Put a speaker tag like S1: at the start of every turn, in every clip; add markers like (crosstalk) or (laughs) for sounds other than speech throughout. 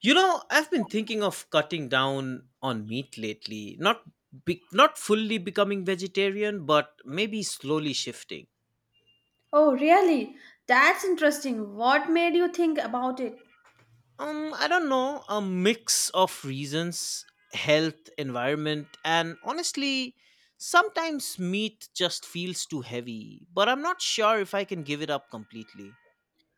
S1: You know, I've been thinking of cutting down on meat lately. Not fully becoming vegetarian, but maybe slowly shifting.
S2: Oh, really? That's interesting. What made you think about it?
S1: I don't know, a mix of reasons, health, environment, and honestly, sometimes meat just feels too heavy, but I'm not sure if I can give it up completely.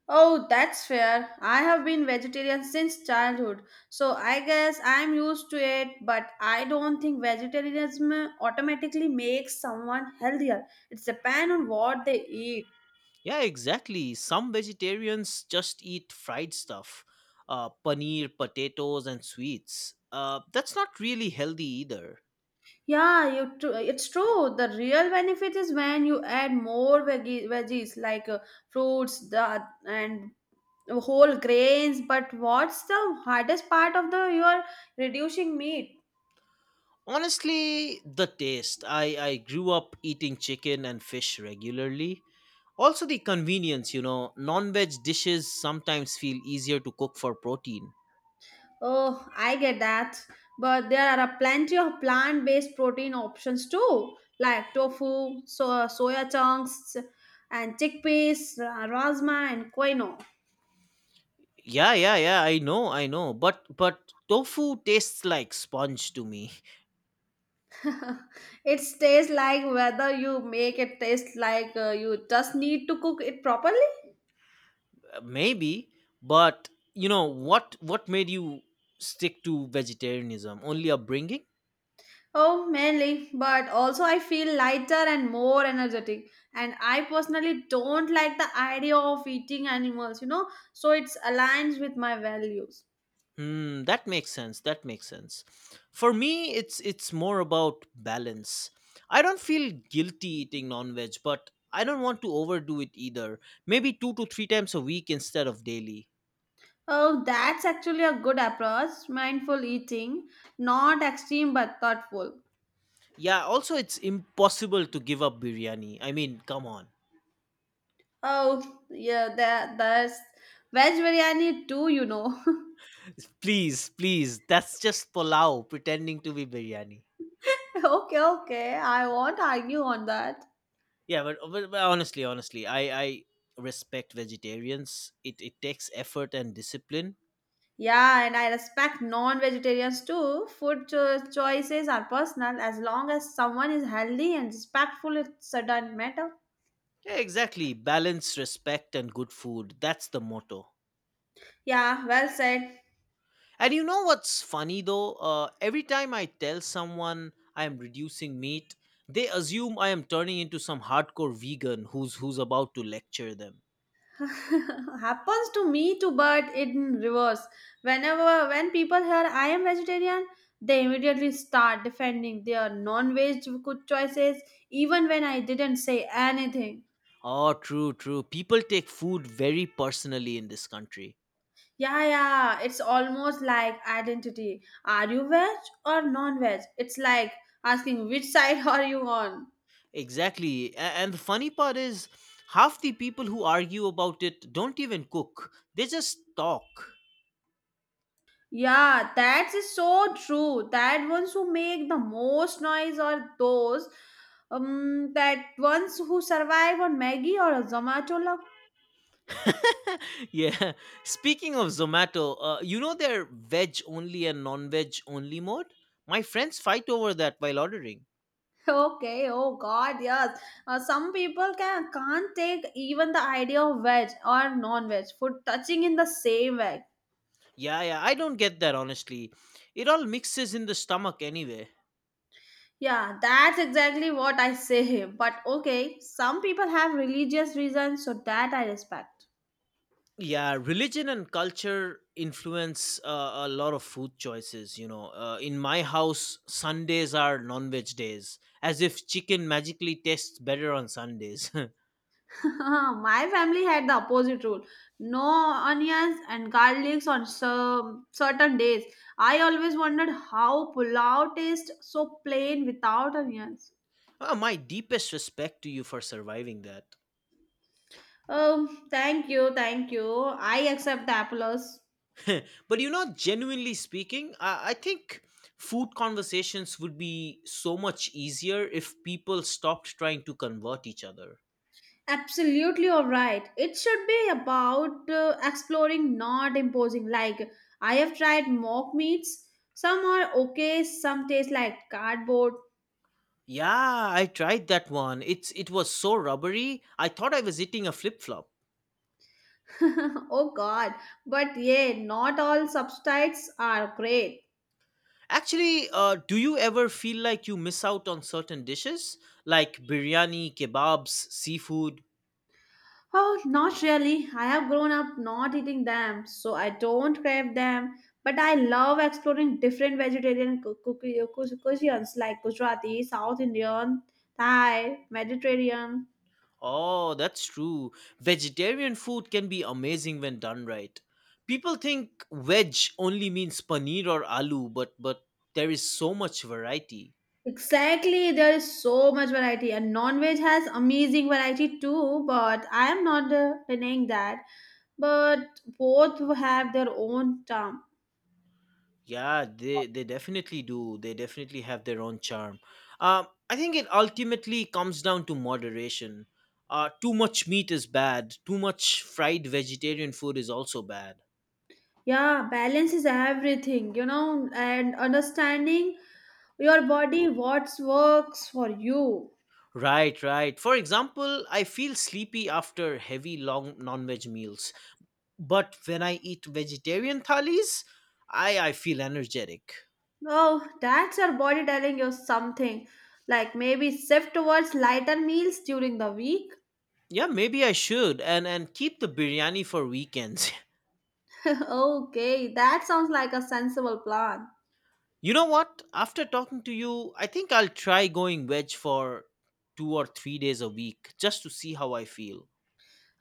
S2: Oh, that's fair. I have been vegetarian since childhood, so I guess I'm used to it, but I don't think vegetarianism automatically makes someone healthier. It depends on what they eat.
S1: Yeah, exactly. Some vegetarians just eat fried stuff, paneer, potatoes, and sweets. That's not really healthy either.
S2: Yeah, it's true. The real benefit is when you add more veggies like fruits and whole grains. But what's the hardest part of the your reducing meat?
S1: Honestly, the taste. I grew up eating chicken and fish regularly. Also, the convenience, you know, non veg dishes sometimes feel easier to cook for protein.
S2: Oh, I get that. But there are a plenty of plant-based protein options too, like tofu, soya chunks, and chickpeas, rasma, and quinoa.
S1: Yeah, yeah, yeah, I know, I know. But tofu tastes like sponge to me.
S2: (laughs) It tastes like whether you make it taste like you just need to cook it properly.
S1: (laughs) Maybe, but you know, what made you stick to vegetarianism? Only upbringing?
S2: Oh, mainly, but also I feel lighter and more energetic, and I personally don't like the idea of eating animals, so it's aligns with my values.
S1: Hmm, that makes sense. That makes sense. For me, it's more about balance. I don't feel guilty eating non-veg, but I don't want to overdo it either. Maybe 2 to 3 times a week instead of daily.
S2: Oh, that's actually a good approach, mindful eating, not extreme but thoughtful.
S1: Yeah, also it's impossible to give up biryani. I mean, come on.
S2: Oh yeah, there's veg biryani too. (laughs)
S1: (laughs) Please, please. That's just pulao pretending to be biryani.
S2: Okay, okay. I won't argue on that.
S1: Yeah, but honestly, I respect vegetarians. It takes effort and discipline.
S2: Yeah, and I respect non vegetarians too. Food choices are personal. As long as someone is healthy and respectful, it doesn't matter.
S1: Yeah, exactly. Balance, respect, and good food. That's the motto.
S2: Yeah, well said.
S1: And you know what's funny though? Every time I tell someone I am reducing meat, they assume I am turning into some hardcore vegan who's about to lecture them.
S2: (laughs) Happens to me too, but in reverse. When people hear I am vegetarian, they immediately start defending their non-veg good choices, even when I didn't say anything.
S1: Oh, true, true. People take food very personally in this country.
S2: Yeah, yeah, it's almost like identity. Are you veg or non veg? It's like asking which side (laughs) are you on?
S1: Exactly. A- and the funny part is, half the people who argue about it don't even cook. They just talk.
S2: Yeah, that is so true. That ones who make the most noise are those that ones who survive on Maggie or a Zomato.
S1: (laughs) Yeah. Speaking of Zomato, you know their veg only and non veg only mode? My friends fight over that while ordering.
S2: (laughs) Okay, oh God, yes. Some people can't take even the idea of veg or non-veg food touching in the same way.
S1: Yeah, yeah, I don't get that honestly. It all mixes in the stomach anyway.
S2: Yeah, that's exactly what I say. But okay, some people have religious reasons, so that I respect.
S1: Yeah, religion and culture influence a lot of food choices. You know, in my house, Sundays are non veg days, as if chicken magically tastes better on Sundays. (laughs)
S2: (laughs) My family had the opposite rule: no onions and garlics on some certain days. I always wondered how pulao tastes so plain without onions.
S1: Ah, my deepest respect to you for surviving that.
S2: Thank you, thank you. I accept the applause.
S1: (laughs) But you know, genuinely speaking, I think food conversations would be so much easier if people stopped trying to convert each other.
S2: Absolutely, all right. It should be about exploring, not imposing. Like, I have tried mock meats. Some are okay, some taste like cardboard.
S1: Yeah, I tried that one. It was so rubbery. I thought I was eating a flip flop.
S2: (laughs) Oh, God. But yeah, not all substitutes are great.
S1: Actually, do you ever feel like you miss out on certain dishes like biryani, kebabs, seafood?
S2: Oh, not really. I have grown up not eating them, so I don't crave them. But I love exploring different vegetarian cuisines like Gujarati, South Indian, Thai, Mediterranean.
S1: Oh, that's true. Vegetarian food can be amazing when done right. People think veg only means paneer or aloo, but there is so much variety.
S2: Exactly, there is so much variety, and non-veg has amazing variety too. But I am not denying that. But both have their own charm.
S1: Yeah, they definitely do. They definitely have their own charm. I think it ultimately comes down to moderation. Too much meat is bad. Too much fried vegetarian food is also bad.
S2: Yeah, balance is everything, you know, and understanding your body, what works for you.
S1: Right, right. For example, I feel sleepy after heavy long non-veg meals, but when I eat vegetarian thalis, I feel energetic.
S2: Oh, that's your body telling you something. Like maybe shift towards lighter meals during the week.
S1: Yeah, maybe I should and keep the biryani for weekends. (laughs)
S2: (laughs) Okay, that sounds like a sensible plan.
S1: You know what? After talking to you, I think I'll try going veg for 2 or 3 days a week just to see how I feel.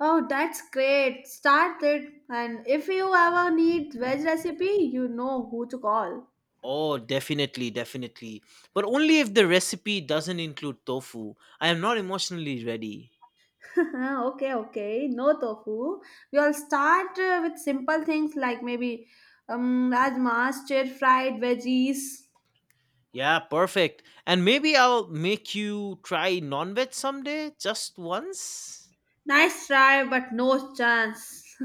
S2: Oh, that's great. Start it. And if you ever need veg recipe, you know who to call.
S1: Oh, definitely, definitely. But only if the recipe doesn't include tofu. I am not emotionally ready.
S2: (laughs) Okay, okay. No tofu. We'll start with simple things like maybe rajma, stir fried veggies.
S1: Yeah, perfect. And maybe I'll make you try non veg someday, just once.
S2: Nice try, but no chance.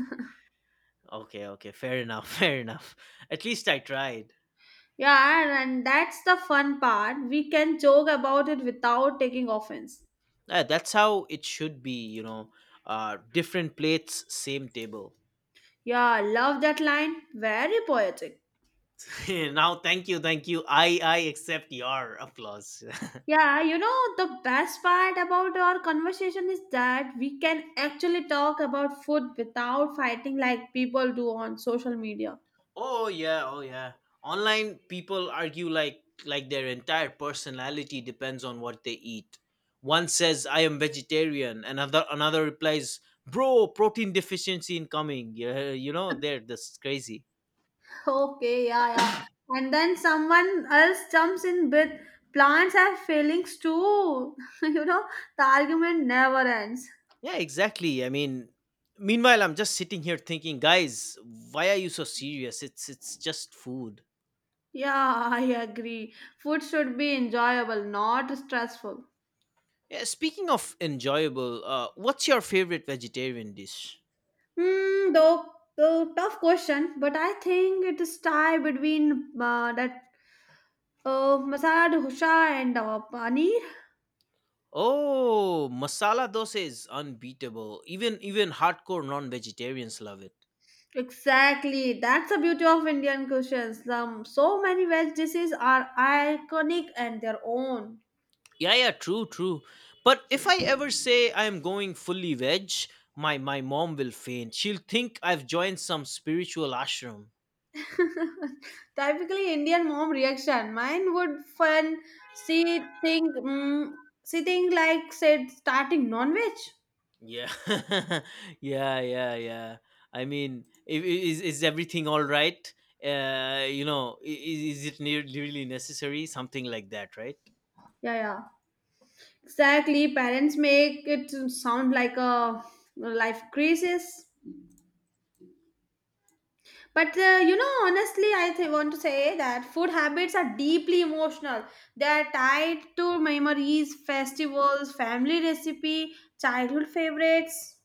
S1: Okay, okay, fair enough, (laughs) fair enough. At least I tried.
S2: (laughs) Yeah, and that's the fun part. We can joke about it without taking offense.
S1: Yeah, that's how it should be, you know. Different plates, same table.
S2: Yeah, love that line. Very poetic.
S1: (laughs) Now, thank you, thank you. I accept your applause.
S2: Yeah, the best part about our conversation is that we can actually talk about food without fighting like people do on social media.
S1: (laughs) Oh yeah, oh yeah. Online people argue like their entire personality depends on what they eat. One says I am vegetarian, another replies, "Bro, protein deficiency incoming." (laughs) Yeah, you know, they're just crazy.
S2: Okay, yeah, yeah. And then someone else jumps in with plants have feelings too. (laughs) you know, the argument never ends.
S1: Yeah, exactly. I mean, meanwhile, I'm just sitting here thinking, guys, why are you so serious? It's just food.
S2: Yeah, I agree. Food should be enjoyable, not stressful.
S1: Yeah, speaking of enjoyable, what's your favorite vegetarian dish?
S2: Hmm, though tough question, but I think it is tie between that Masad, Husha, and Pani.
S1: Oh, masala dosa is unbeatable. Even hardcore non-vegetarians love it.
S2: Exactly. That's the beauty of Indian cuisines. So many veg dishes are iconic and their own.
S1: Yeah, yeah, true, true. But if I ever say I'm going fully veg, my mom will faint. She'll think I've joined some spiritual ashram.
S2: (laughs) Typically Indian mom reaction. Mine would fun. She think, like said starting non-veg.
S1: Yeah, (laughs) yeah, yeah, yeah. I mean, is everything all right? You know, is it really necessary? Something like that, right?
S2: Yeah, yeah. Exactly. Parents make it sound like a life crisis. But honestly, want to say that food habits are deeply emotional. They are tied to memories, festivals, family recipe, childhood favorites.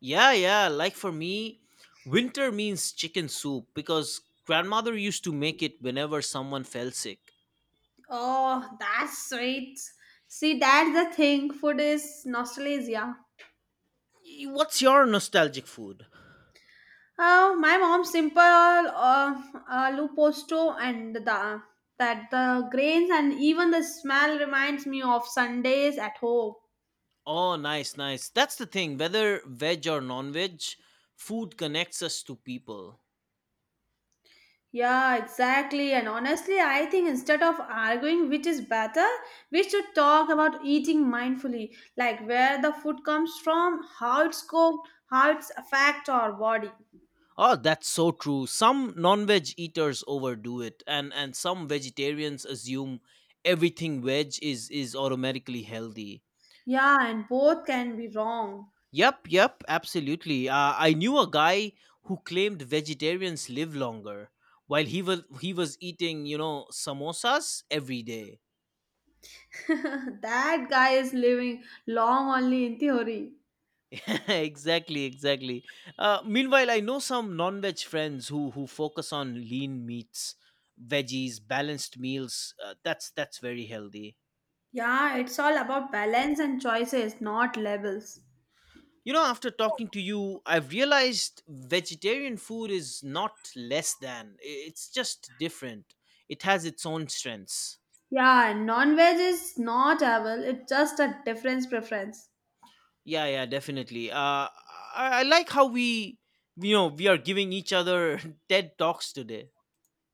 S1: Yeah, yeah. Like for me, winter means chicken soup because grandmother used to make it whenever someone fell sick.
S2: Oh, that's sweet. See, that's the thing. Food is nostalgia.
S1: What's your nostalgic food?
S2: Oh, my mom's simple aloo posto, and the grains, and even the smell reminds me of Sundays at home.
S1: Oh, nice, nice. That's the thing. Whether veg or non veg, food connects us to people.
S2: Yeah, exactly. And honestly, I think instead of arguing which is better, we should talk about eating mindfully, like where the food comes from, how it's cooked, how it's affect our body.
S1: Oh, that's so true. Some non-veg eaters overdo it, and some vegetarians assume everything veg is automatically healthy.
S2: Yeah, and both can be wrong.
S1: Yep, yep, absolutely. I knew a guy who claimed vegetarians live longer while he was eating, you know, samosas every day.
S2: (laughs) That guy is living long only in theory.
S1: (laughs) Exactly, exactly. Meanwhile, I know some non-veg friends who focus on lean meats, veggies, balanced meals. That's very healthy.
S2: Yeah, it's all about balance and choices, not labels.
S1: You know, after talking to you, I've realized vegetarian food is not less than. I- It's just different. It has its own strengths.
S2: Yeah, and non-veg is not evil, it's just a difference preference.
S1: Yeah, yeah, definitely. I like how we, you know, we are giving each other (laughs) TED Talks today.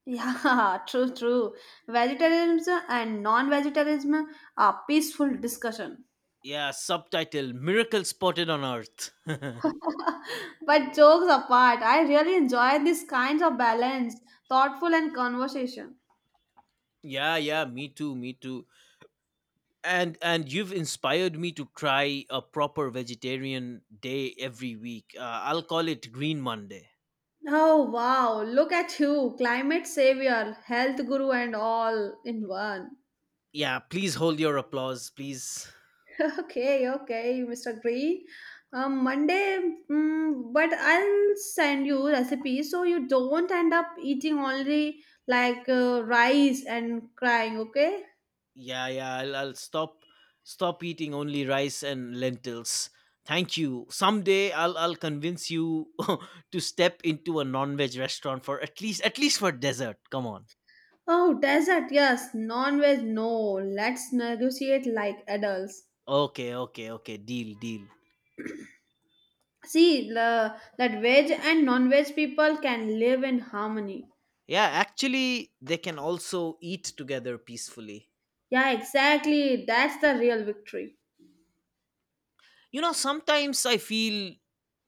S2: Yeah, (laughs) true, true. Vegetarianism and non-vegetarianism are peaceful discussion.
S1: Yeah, subtitle Miracle Spotted on Earth. (laughs)
S2: (laughs) But jokes apart, I really enjoy these kinds of balance, thoughtful and conversation.
S1: Yeah, yeah, me too, me too. And you've inspired me to try a proper vegetarian day every week. I'll call it Green Monday.
S2: Oh wow, look at you, climate savior, health guru and all in one.
S1: Yeah, please hold your applause, please.
S2: (laughs) Okay, okay, Mr. Green. Monday, but I'll send you recipes so you don't end up eating only like rice and crying, okay?
S1: I'll stop eating only rice and lentils, thank you. Someday I'll convince you (laughs) to step into a non-veg restaurant for at least for dessert, come on.
S2: Oh, desert, yes. Non-veg, no. Let's negotiate like adults.
S1: Okay, okay, okay, deal, deal.
S2: See, that veg and non-veg people can live in harmony.
S1: Yeah, actually they can also eat together peacefully.
S2: Yeah, exactly. That's the real victory.
S1: You know, sometimes I feel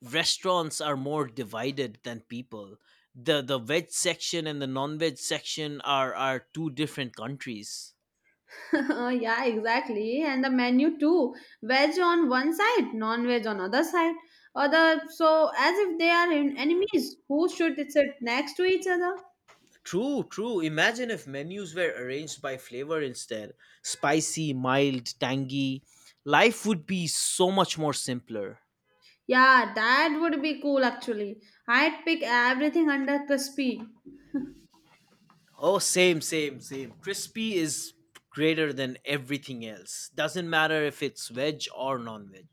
S1: restaurants are more divided than people. The veg section and the non-veg section are two different countries.
S2: (laughs) Yeah, exactly. And the menu too. Veg on one side, non-veg on other side. So as if they are enemies who should sit next to each other.
S1: True, true. Imagine if menus were arranged by flavor instead. Spicy, mild, tangy. Life would be so much more simpler.
S2: Yeah, that would be cool actually. I'd pick everything under crispy.
S1: Oh, same, same, same. Crispy is greater than everything else. Doesn't matter if it's veg or non veg.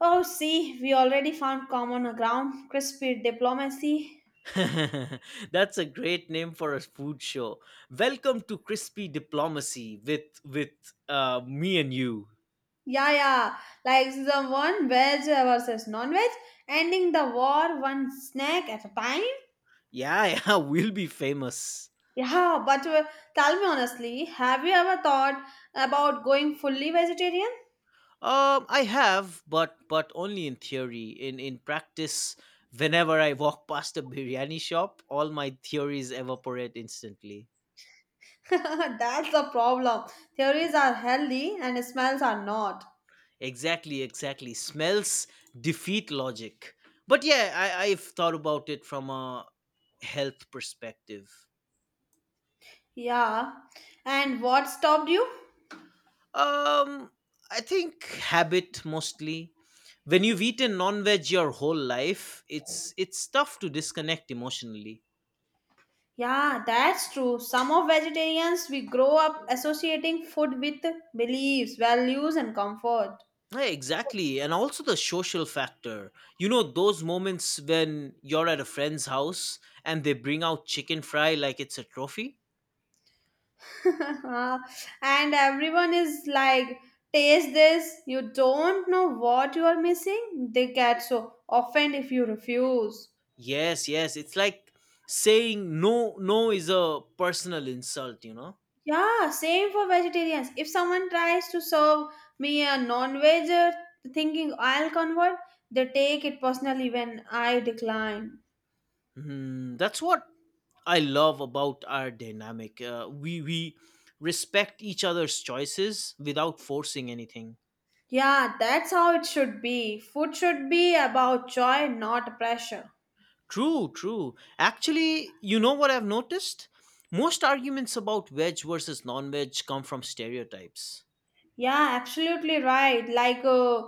S2: Oh, see, we already found common ground. Crispy diplomacy.
S1: (laughs) That's a great name for a food show. Welcome to Crispy Diplomacy with me and you.
S2: Yeah, yeah, like the one veg versus non-veg, ending the war one snack at a time.
S1: Yeah, (laughs) yeah, we'll be famous.
S2: Yeah, but tell me honestly, have you ever thought about going fully vegetarian?
S1: I have, but only in theory. In practice, whenever I walk past a biryani shop, all my theories evaporate instantly.
S2: (laughs) That's the problem. Theories are healthy and smells are not.
S1: Exactly, exactly. Smells defeat logic. But yeah, I've thought about it from a health perspective.
S2: Yeah, and what stopped you?
S1: Um, I think habit mostly. When you've eaten non-veg your whole life, it's tough to disconnect emotionally.
S2: Yeah, that's true. Some of vegetarians, we grow up associating food with beliefs, values, and comfort.
S1: Yeah, exactly, and also the social factor. You know those moments when you're at a friend's house and they bring out chicken fry like it's a trophy.
S2: (laughs) And everyone is like, taste this. You don't know what you are missing. They get so offended if you refuse.
S1: Yes, yes. It's like saying no, no is a personal insult, you know?
S2: Yeah, same for vegetarians. If someone tries to serve me a non-veg, thinking I'll convert, they take it personally when I decline.
S1: Hmm, that's what I love about our dynamic. We respect each other's choices without forcing anything.
S2: Yeah, that's how it should be. Food should be about joy, not pressure.
S1: True, true. Actually, you know what I've noticed? Most arguments about veg versus non-veg come from stereotypes.
S2: Yeah, absolutely right. Like,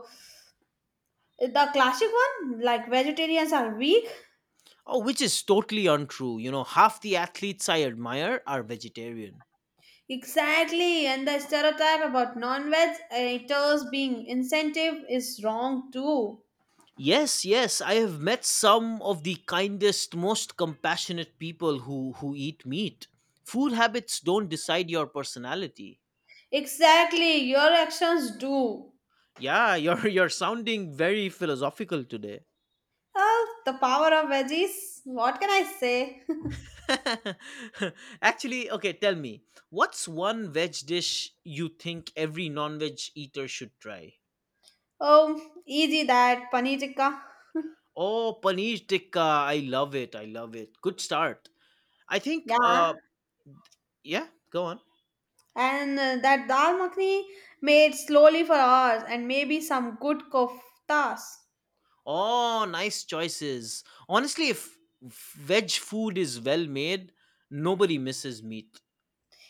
S2: the classic one, like vegetarians are weak.
S1: Oh, which is totally untrue. You know, half the athletes I admire are vegetarian.
S2: Exactly, and the stereotype about non-veg eaters being incentive is wrong too.
S1: Yes, yes, I have met some of the kindest, most compassionate people who eat meat. Food habits don't decide your personality.
S2: Exactly, your actions do.
S1: Yeah, you're (laughs) you're sounding very philosophical today.
S2: Oh, the power of veggies. What can I say? (laughs)
S1: (laughs) Actually, okay, tell me, what's one veg dish you think every non-veg eater should try?
S2: Oh, easy, that paneer tikka.
S1: Oh, paneer tikka, I love it. I love it. Good start. I think
S2: Yeah.
S1: yeah, go on.
S2: And that dal makhni made slowly for hours, and maybe some good koftas.
S1: Oh, nice choices. Honestly, if veg food is well made, nobody misses meat.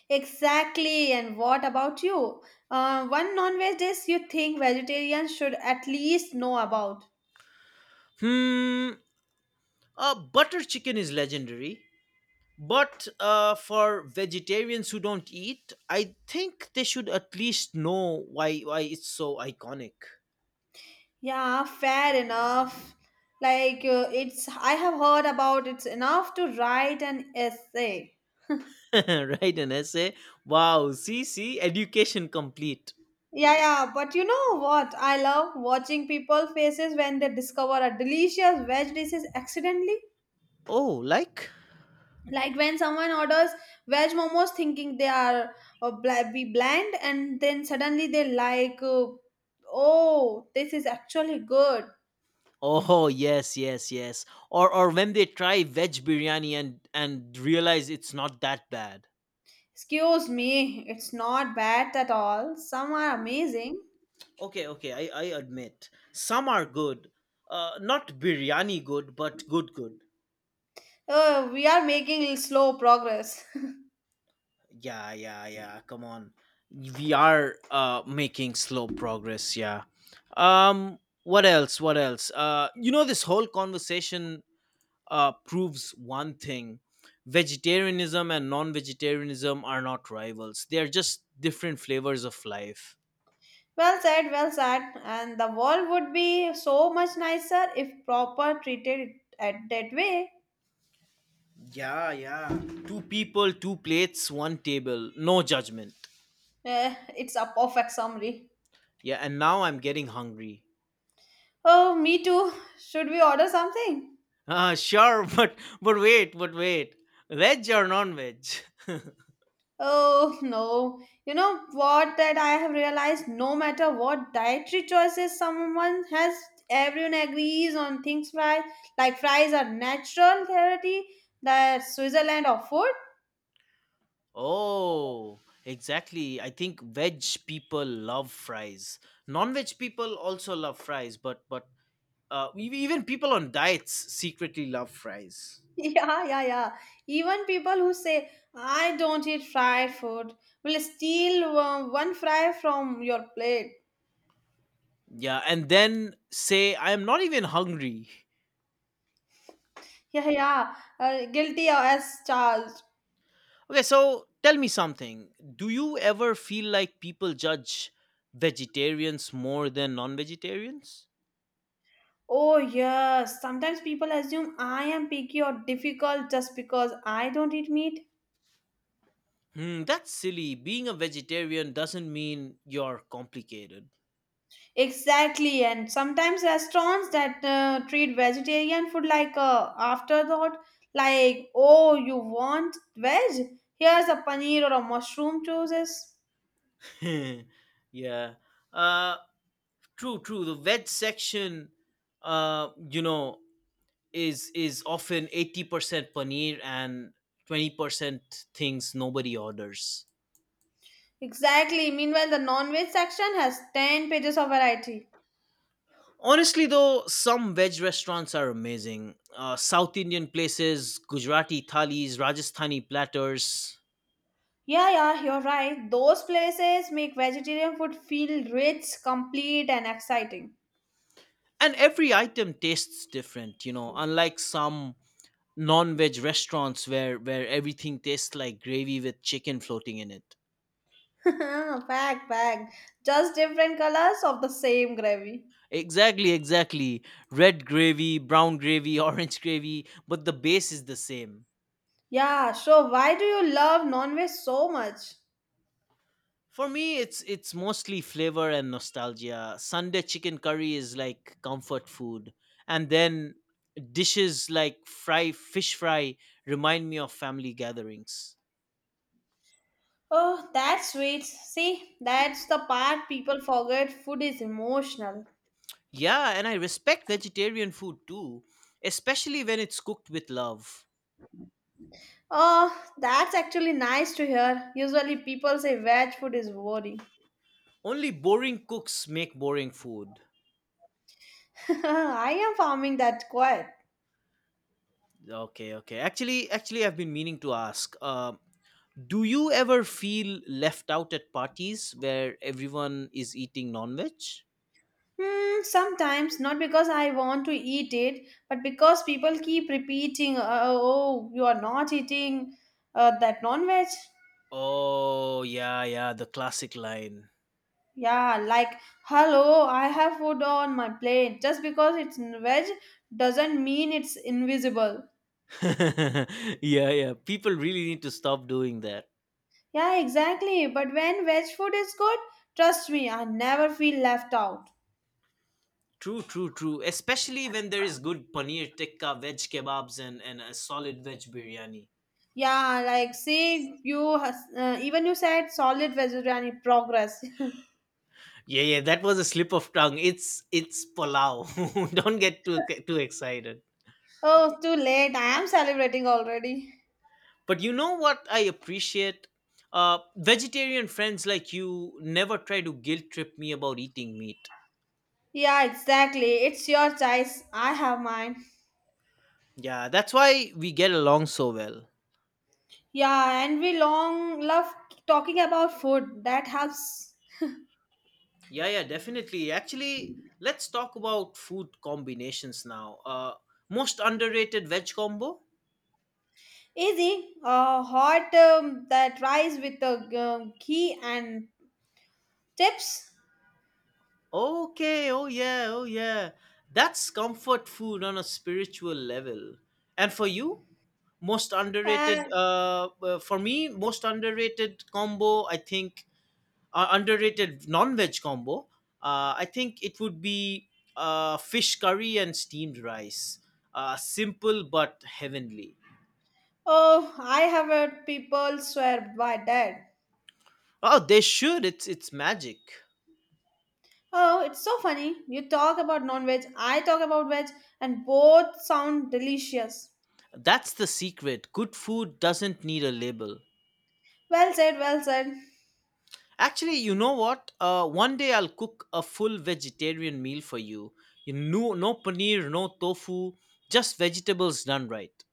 S2: Exactly. And what about you? One non-veg dish you think vegetarians should at least know about?
S1: Hmm, butter chicken is legendary. But for vegetarians who don't eat, I think they should at least know why it's so iconic.
S2: Yeah, fair enough. Like, it's I have heard about it's enough to write an essay.
S1: (laughs) Write an essay. Wow, see, see, education complete.
S2: Yeah, yeah, but you know what? I love watching people faces when they discover a delicious veg dish accidentally.
S1: Oh, like?
S2: Like when someone orders veg momos thinking they are bl- be bland, and then suddenly they like, oh, this is actually good.
S1: Oh yes, yes, yes. Or when they try veg biryani and realize it's not that bad.
S2: Excuse me, it's not bad at all, some are amazing.
S1: Okay, okay, I admit. Some are good. Not biryani good, but good good.
S2: We are making slow progress. (laughs)
S1: Yeah, yeah, yeah. Come on. We are making slow progress, yeah. Um what else? What else? You know this whole conversation proves one thing, vegetarianism and non vegetarianism are not rivals, they are just different flavors of life.
S2: Well said, well said, and the world would be so much nicer if proper treated at that way.
S1: Yeah, yeah. Two people, two plates, one table, no judgment.
S2: Eh, it's a perfect summary.
S1: Yeah, and now I'm getting hungry.
S2: Oh, me too. Should we order something?
S1: Ah, sure, (laughs) but wait. Veg or non-veg? (laughs)
S2: Oh no. You know what, that I have realized, no matter what dietary choices someone has, everyone agrees on things fries. Like fries are natural therapy, the Switzerland of food. (laughs)
S1: Oh, exactly. I think veg people love fries. Non-veg people also love fries, but even people on diets secretly love fries.
S2: Yeah, yeah, yeah. Even people who say, I don't eat fried food, will steal one fry from your plate.
S1: Yeah, and then say, I am not even hungry.
S2: (laughs) Yeah, yeah. Guilty as charged.
S1: Okay, so tell me something. Do you ever feel like people judge vegetarians more than non vegetarians?
S2: Oh, yes. Sometimes people assume I am picky or difficult just because I don't eat meat.
S1: Hmm, that's silly. Being a vegetarian doesn't mean you're complicated.
S2: Exactly. And sometimes restaurants that treat vegetarian food like a afterthought, like, oh, you want veg? Here's a paneer or a mushroom choices.
S1: (laughs) Yeah. Uh, true, true. The veg section, you know, is often 80% paneer and 20% things nobody orders.
S2: Exactly. Meanwhile, the non-veg section has 10 pages of variety.
S1: Honestly, though, some veg restaurants are amazing. South Indian places, Gujarati thalis, Rajasthani platters,
S2: Yeah, yeah, you're right. Those places make vegetarian food feel rich, complete, and exciting.
S1: and every item tastes different. You know, unlike some non-veg restaurants where everything tastes like gravy with chicken floating in it.
S2: (laughs) Fact, fact. Just different colors of the same gravy.
S1: Exactly, exactly. Red gravy, brown gravy, (laughs) orange gravy, but the base is the same.
S2: Yeah, sure. Why do you love non-veg so much?
S1: For me, it's mostly flavor and nostalgia. Sunday chicken curry is like comfort food, and then dishes like fry fish fry remind me of family gatherings.
S2: Oh, that's sweet. See, that's the part people forget. Food is emotional.
S1: Yeah, and I respect vegetarian food too, especially when it's cooked with love.
S2: Oh, that's actually nice to hear. Usually people say veg food is boring.
S1: Only boring cooks make boring food.
S2: (laughs) I am farming that quite.
S1: Okay, okay. Actually, I've been meaning to ask. Do you ever feel left out at parties where everyone is eating non-veg?
S2: Hmm, sometimes not because I want to eat it, but because people keep repeating, "Oh, you are not eating that non-veg."
S1: Oh, yeah, yeah, the classic line.
S2: Yeah, like, hello, I have food on my plate. Just because it's veg doesn't mean it's invisible.
S1: (laughs) Yeah, yeah. People really need to stop doing that.
S2: Yeah, exactly. But when veg food is good, trust me, I never feel left out.
S1: True, true, true. Especially when there is good paneer tikka, veg kebabs, and a solid veg biryani.
S2: Yeah, like, see, you has, even you said solid vegetarian progress.
S1: Yeah, yeah, that was a slip of tongue. It's pulao. (laughs) Don't get too excited.
S2: (laughs) Oh, too late. I am celebrating already.
S1: But you know what I appreciate? Vegetarian friends like you never try to guilt trip me about eating meat.
S2: Yeah, exactly. It's your choice. I have mine.
S1: Yeah, that's why we get along so well.
S2: Yeah, and we long love talking about food. That helps.
S1: Yeah, yeah, definitely. Actually, let's talk about food combinations now. Most underrated veg combo?
S2: Easy, hot that rice with a ghee and chips.
S1: Okay, oh yeah, oh yeah. That's comfort food on a spiritual level. And for you? Most underrated,
S2: And
S1: for me, most underrated combo, I think, underrated non veg combo, I think it would be fish curry and steamed rice. Simple but heavenly.
S2: oh, I have heard people swear by that.
S1: Oh, they should. It's magic.
S2: Oh, it's so funny. You talk about non veg, I talk about veg, and both sound delicious.
S1: That's the secret. Good food doesn't need a label.
S2: Well said, well said.
S1: Actually, you know what? One day I'll cook a full vegetarian meal for you. You, no no paneer, no tofu, just vegetables done right.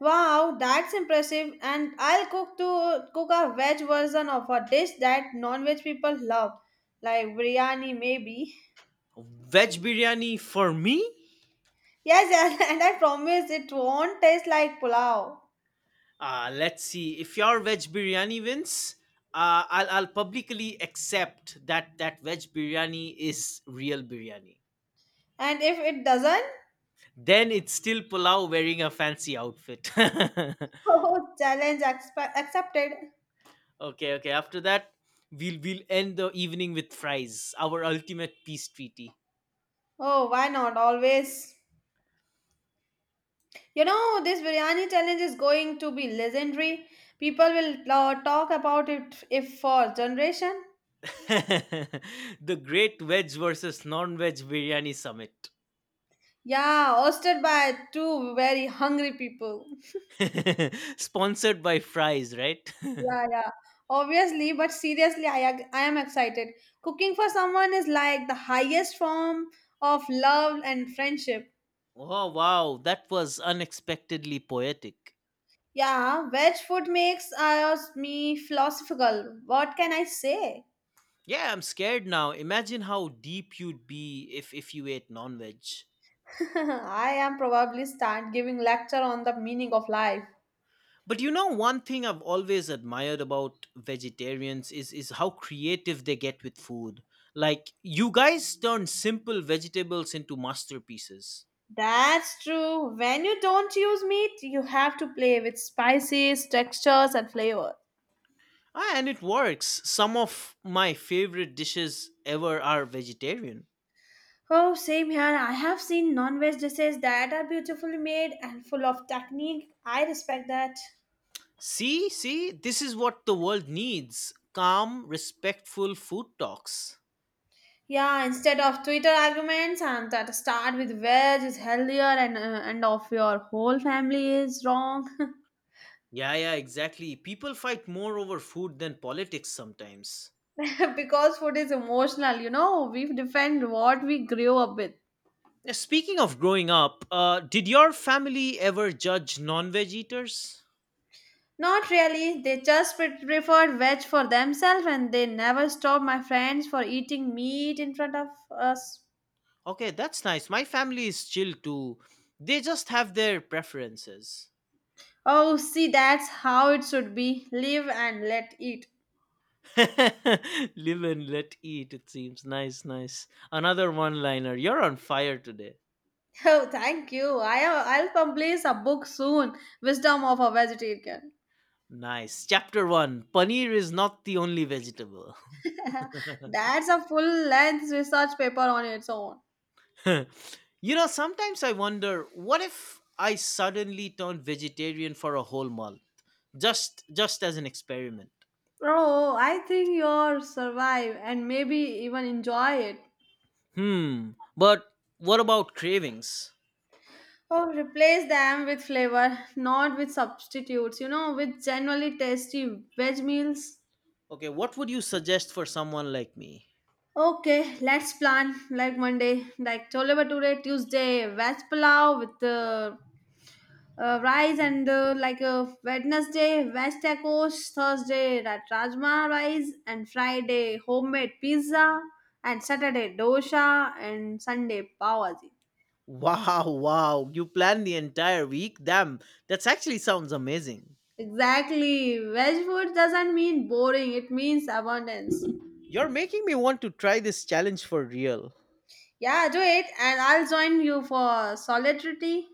S2: Wow, that's impressive. And I'll cook a veg version of a dish that non veg people love, like biryani, maybe. (laughs)
S1: Veg biryani for me?
S2: Yes, yes, and I promise it won't taste like pulao.
S1: Let's see. If your veg biryani wins, I'll publicly accept that veg biryani is real biryani.
S2: And if it doesn't,
S1: Then it's still pulao wearing a fancy outfit. (laughs)
S2: (laughs) oh, challenge accepted.
S1: Okay, okay. After that, we'll end the evening with fries, our ultimate peace treaty.
S2: Oh, why not? Always. You know, this biryani challenge is going to be legendary. People will talk about it if for generation.
S1: (laughs) The Great Veg versus Non-Veg Biryani Summit.
S2: Yeah, hosted by two very hungry people.
S1: (laughs) Sponsored by fries, right?
S2: Yeah, yeah. Obviously, but seriously, I am excited. Cooking for someone is like the highest form of love and friendship.
S1: (laughs) Oh wow, that was unexpectedly poetic.
S2: Yeah, veg food makes me philosophical. What can I say?
S1: Yeah, I'm scared now. Imagine how deep you'd be if you ate non-veg.
S2: (laughs) I am probably start giving lecture on the meaning of life.
S1: But you know, one thing I've always admired about vegetarians is how creative they get with food. Like you guys turn simple vegetables into masterpieces.
S2: That's true. When you don't use meat, you have to play with spices, textures, and flavor.
S1: Ah, and it works. Some of my favorite dishes ever are vegetarian.
S2: Oh, same here. I have seen non-veg dishes that are beautifully made and full of technique. I respect that.
S1: See, see, this is what the world needs. Calm, respectful food talks.
S2: Yeah, instead of Twitter arguments, I'm that start with veg is healthier, and of your whole family is wrong.
S1: Yeah, yeah, exactly. People fight more over food than politics sometimes.
S2: (laughs) Because food is emotional, we defend what we grew up with.
S1: Speaking of growing up, did your family ever judge non veg eaters?
S2: Not really, they just preferred veg for themselves, and they never stopped my friends for eating meat in front of us.
S1: Okay, that's nice. My family is chill too. They just have their preferences.
S2: Oh, see, that's how it should be, live and let eat. (laughs)
S1: (laughs) Live and let eat, it seems. Nice, nice. Another one liner. You're on fire today.
S2: Oh, thank you. I'll publish a book soon, Wisdom of a Vegetarian.
S1: Nice. Chapter 1, Paneer is not the only vegetable. (laughs)
S2: That's a full length research paper on its own.
S1: You know, sometimes I wonder, what if I suddenly turned vegetarian for a whole month? Just as an experiment.
S2: Oh, I think you'll survive and maybe even enjoy it.
S1: Hmm. But what about cravings?
S2: Oh, replace them with flavor, not with substitutes, with genuinely tasty veg meals.
S1: Okay, what would you suggest for someone like me?
S2: Okay, let's plan like Monday, like chole bhature, Tuesday, veg pulao with rice, and Wednesday, veg tacos, Thursday, rajma rice, and Friday, homemade pizza, and Saturday, dosha, and Sunday, pav bhaji.
S1: Wow, wow. You plan the entire week? Damn, that's actually sounds amazing.
S2: Exactly, veg food doesn't mean boring, it means abundance.
S1: You're making me want to try this challenge for real.
S2: Yeah, do it, and I'll join you for solidarity.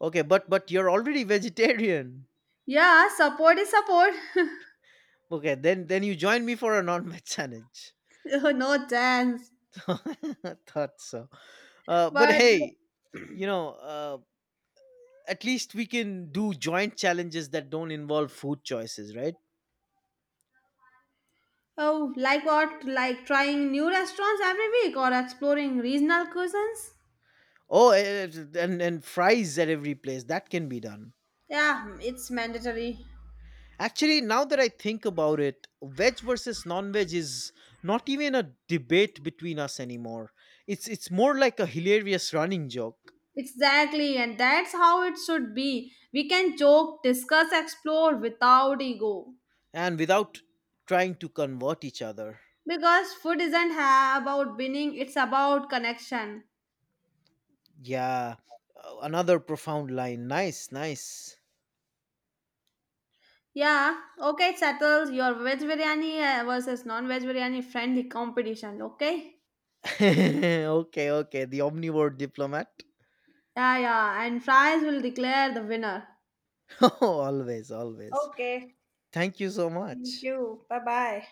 S1: Okay, but you're already vegetarian.
S2: Yeah, support is support.
S1: Okay, then you join me for a non-veg challenge.
S2: (laughs) No chance.
S1: (laughs) I thought so. But
S2: But
S1: hey, you know, at least we can do joint challenges that don't involve food choices, right?
S2: oh, like what? Like trying new restaurants every week or exploring regional cuisines?
S1: Oh, eh, and fries at every place. That can be done.
S2: Yeah, it's mandatory.
S1: Actually, now that I think about it, veg versus non-veg is not even a debate between us anymore. It's more like a hilarious running joke.
S2: Exactly, and that's how it should be. We can joke, discuss, explore without ego.
S1: And without trying to convert each other.
S2: Because food isn't about winning, it's about connection.
S1: Yeah. Another profound line. Nice, nice.
S2: Yeah, okay, it settles your veg biryani versus non veg biryani friendly competition, okay?
S1: (laughs) Okay, okay. The omnivore diplomat.
S2: Yeah, yeah, and fries will declare the winner.
S1: (laughs) Always, always.
S2: Okay,
S1: Thank you so
S2: thank
S1: much.
S2: you. Bye bye.